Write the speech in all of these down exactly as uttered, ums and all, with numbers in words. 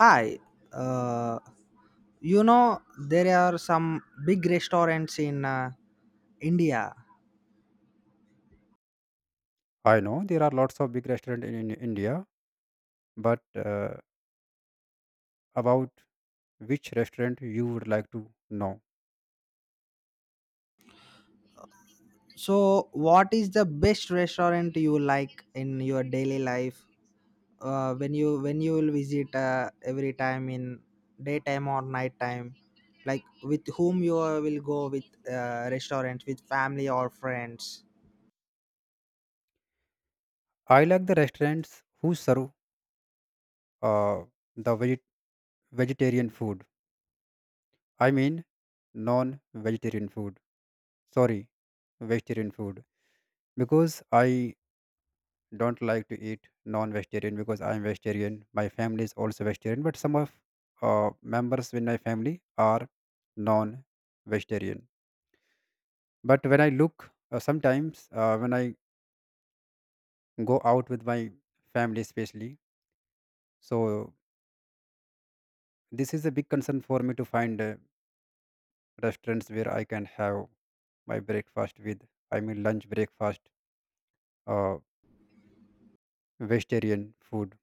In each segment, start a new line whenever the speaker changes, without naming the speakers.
Hi, uh, you know there are some big restaurants in uh, India.
I know there are lots of big restaurants in, in India, but uh, about which restaurant you would like to know?
So, what is the best restaurant you like in your daily life uh, when you when you will visit uh, every time in daytime or nighttime? Like with whom you will go with, uh, restaurant with family or friends?
I like the restaurants who serve uh, the veget- vegetarian food. I mean, non-vegetarian food. Sorry, vegetarian food. Because I don't like to eat non-vegetarian because I'm vegetarian. My family is also vegetarian, but some of uh, members in my family are non-vegetarian. But when I look, uh, sometimes, uh, when I go out with my family especially, so this is a big concern for me to find uh, restaurants where I can have my breakfast with, I mean lunch, breakfast, uh, vegetarian food.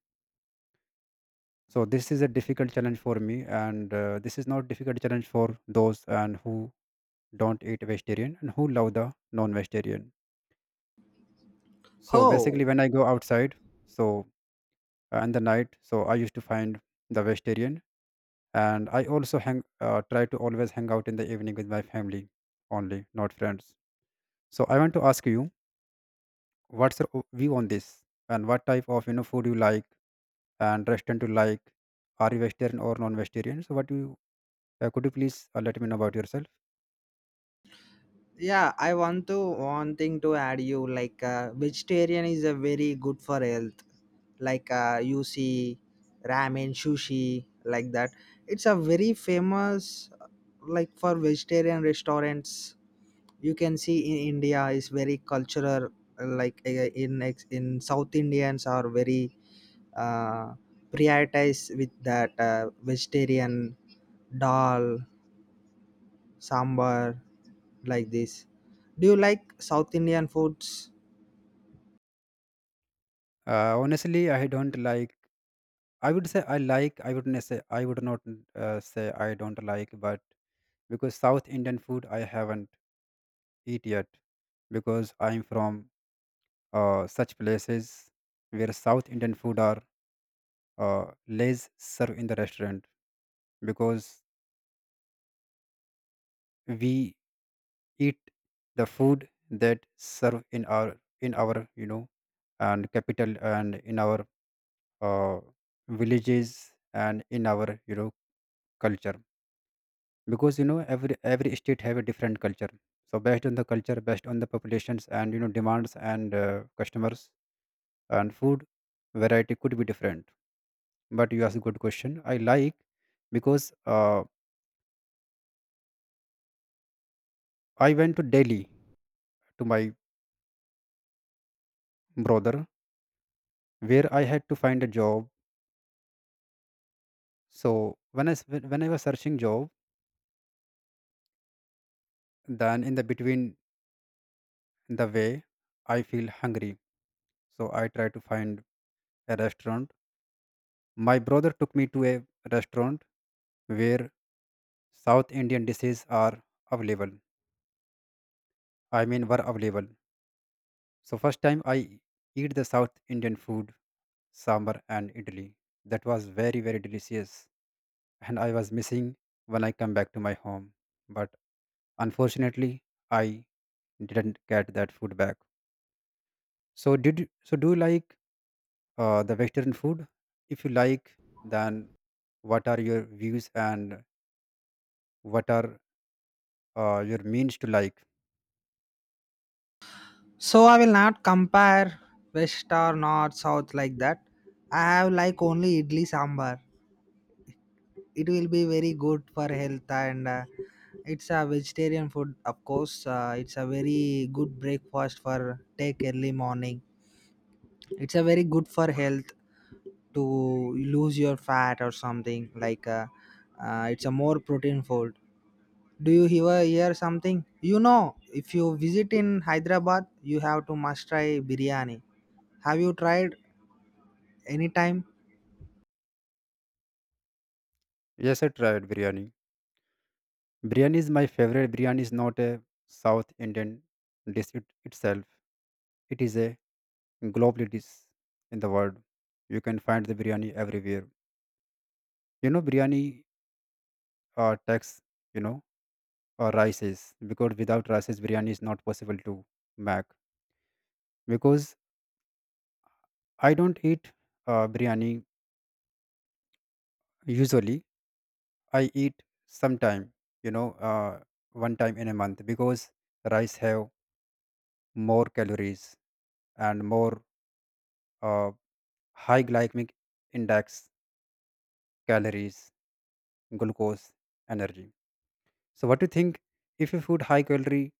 So this is a difficult challenge for me, and uh, this is not difficult challenge for those and who don't eat vegetarian and who love the non-vegetarian. So basically
How?
when I go outside, so uh, in the night, so I used to find the vegetarian, and I also hang, uh, try to always hang out in the evening with my family only, not friends. So I want to ask you, what's your o- view on this, and what type of, you know, food you like and restaurant you like? Are you vegetarian or non-vegetarian? So what do you, uh, could you please uh, let me know about yourself?
Yeah, I want to one thing to add, you like uh, vegetarian is a very good for health, like, uh, you see ramen sushi like that. It's a very famous, uh, like for vegetarian restaurants. You can see in India is very cultural, uh, like uh, in ex- in south indians are very uh, prioritize with that, uh, vegetarian, dal, sambar, like this. Do you like South Indian foods?
Uh, honestly, I don't like, I would say I like, I wouldn't say I would not uh, say I don't like, but because South Indian food I haven't eat yet, because I'm from uh, such places where South Indian food are uh, less served in the restaurant, because we eat the food that serve in our, in our you know and capital, and in our uh, villages, and in our, you know, culture. Because you know, every every state have a different culture. So based on the culture, based on the populations and, you know, demands and uh, customers, and food variety could be different. But you asked a good question. I like, because uh, I went to Delhi to my brother, where I had to find a job. So when I s- when I was searching job, then in the between the way, I feel hungry. So I try to find a restaurant. My brother took me to a restaurant where South Indian dishes are available. I mean, were available. So first time I eat the South Indian food, sambar and idli. That was very very delicious, and I was missing when I come back to my home. But unfortunately, I didn't get that food back. So did you- so? Do you like uh, the Western food? If you like, then what are your views, and what are uh, your means to like?
So I will not compare West or North South like that. I have like only idli sambar. It will be very good for health, and uh, it's a vegetarian food of course. Uh, it's a very good breakfast for take early morning. It's a very good for health to lose your fat or something like, uh, uh, it's a more protein food. Do you ever hear something? You know, if you visit in Hyderabad, you have to must try biryani. Have you tried any time?
Yes, I tried biryani. Biryani is my favorite. Biryani is not a South Indian dish, it itself. It is a global dish in the world. You can find the biryani everywhere. You know, biryani uh, takes, you know, uh, rices, because without rices, biryani is not possible to make. Because I don't eat uh, biryani usually. I eat sometime, you know, uh, one time in a month, because rice have more calories and more uh, high glycemic index, calories, glucose, energy. So what do you think, if you food high calorie,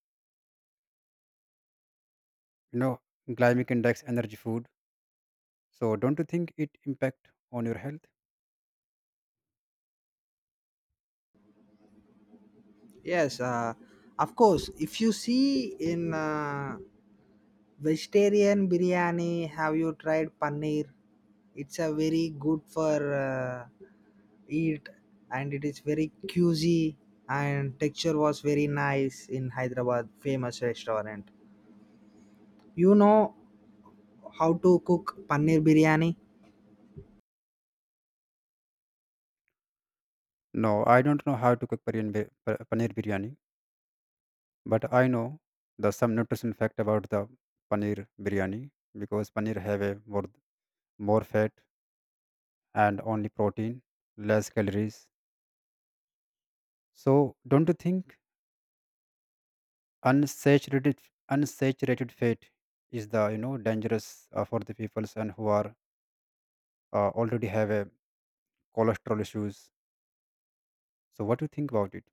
you know, glycemic index energy food? So don't you think it impact on your health?
Yes, uh, of course. If you see in, uh, vegetarian biryani, have you tried paneer? It's a very good for uh, eat, and it is very juicy, and texture was very nice in Hyderabad famous restaurant. You know how to cook paneer biryani?
No, I don't know how to cook paneer, bi- pa- paneer biryani, but I know the some nutrition fact about the paneer biryani, because paneer have a more more fat and only protein, less calories. So don't you think unsaturated unsaturated fat is the, you know, dangerous uh, for the peoples and who are uh, already have a cholesterol issues? So what do you think about it?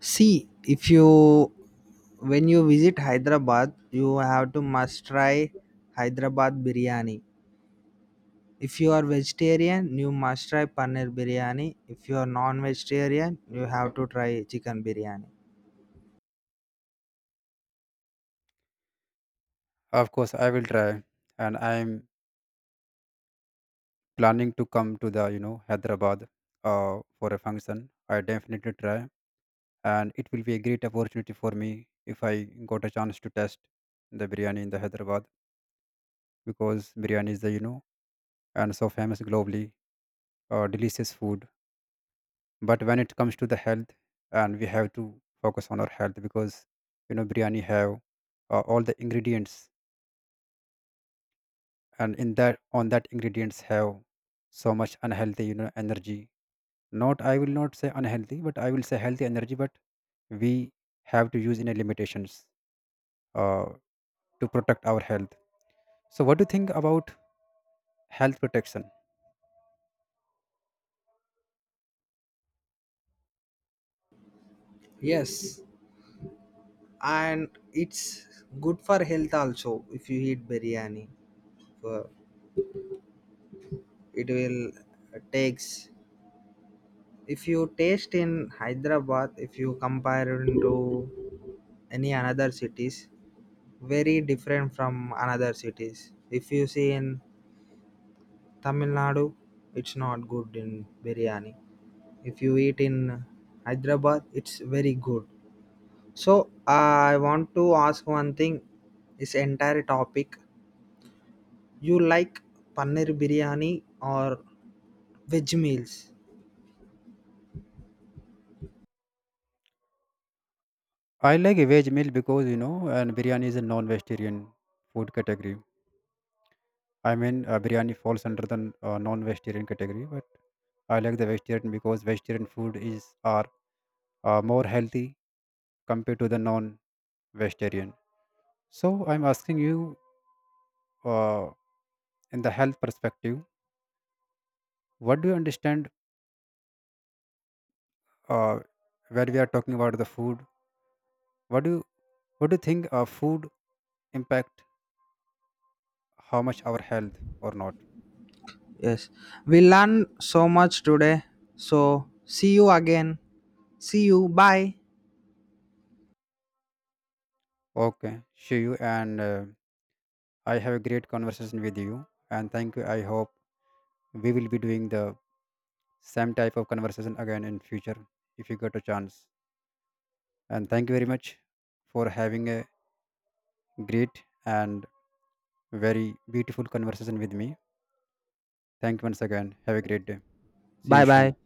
See, if you when you visit Hyderabad, you have to must try Hyderabad biryani. If you are vegetarian, you must try paneer biryani. If you are non-vegetarian, you have to try chicken biryani.
Of course, I will try, and I'm planning to come to the, you know, Hyderabad uh, for a function. I definitely try, and it will be a great opportunity for me if I got a chance to test the biryani in the Hyderabad, because biryani is the, you know, and so famous globally, uh, delicious food. But when it comes to the health, and we have to focus on our health, because you know biryani have uh, all the ingredients, and in that, on that ingredients have so much unhealthy, you know, energy, not, I will not say unhealthy, but I will say healthy energy, but we have to use in a limitations uh, to protect our health. So what do you think about health protection?
Yes, and it's good for health also. If you eat biryani, Uh, it will takes. If you taste in Hyderabad, if you compare it to any another cities, very different from another cities. If you see in Tamil Nadu, it's not good in biryani. If you eat in Hyderabad, it's very good. So I want to ask one thing. This entire topic, you like paneer biryani or veg meals?
I like a veg meal, because you know, and biryani is a non-vegetarian food category, I mean uh, biryani falls under the uh, non-vegetarian category, but I like the vegetarian, because vegetarian food is, are uh, more healthy compared to the non-vegetarian. So I'm asking you, uh, in the health perspective, what do you understand uh, when we are talking about the food? What do you, what do you think uh, food impact how much our health or not?
Yes, we learned so much today. So see you again. See you. Bye.
Okay, Shiyu, and uh, I have a great conversation with you, and thank you. I hope we will be doing the same type of conversation again in future if you get a chance. And thank you very much for having a great and very beautiful conversation with me. Thank you once again. Have a great day. Sí,
Bye.
ush,
Bye.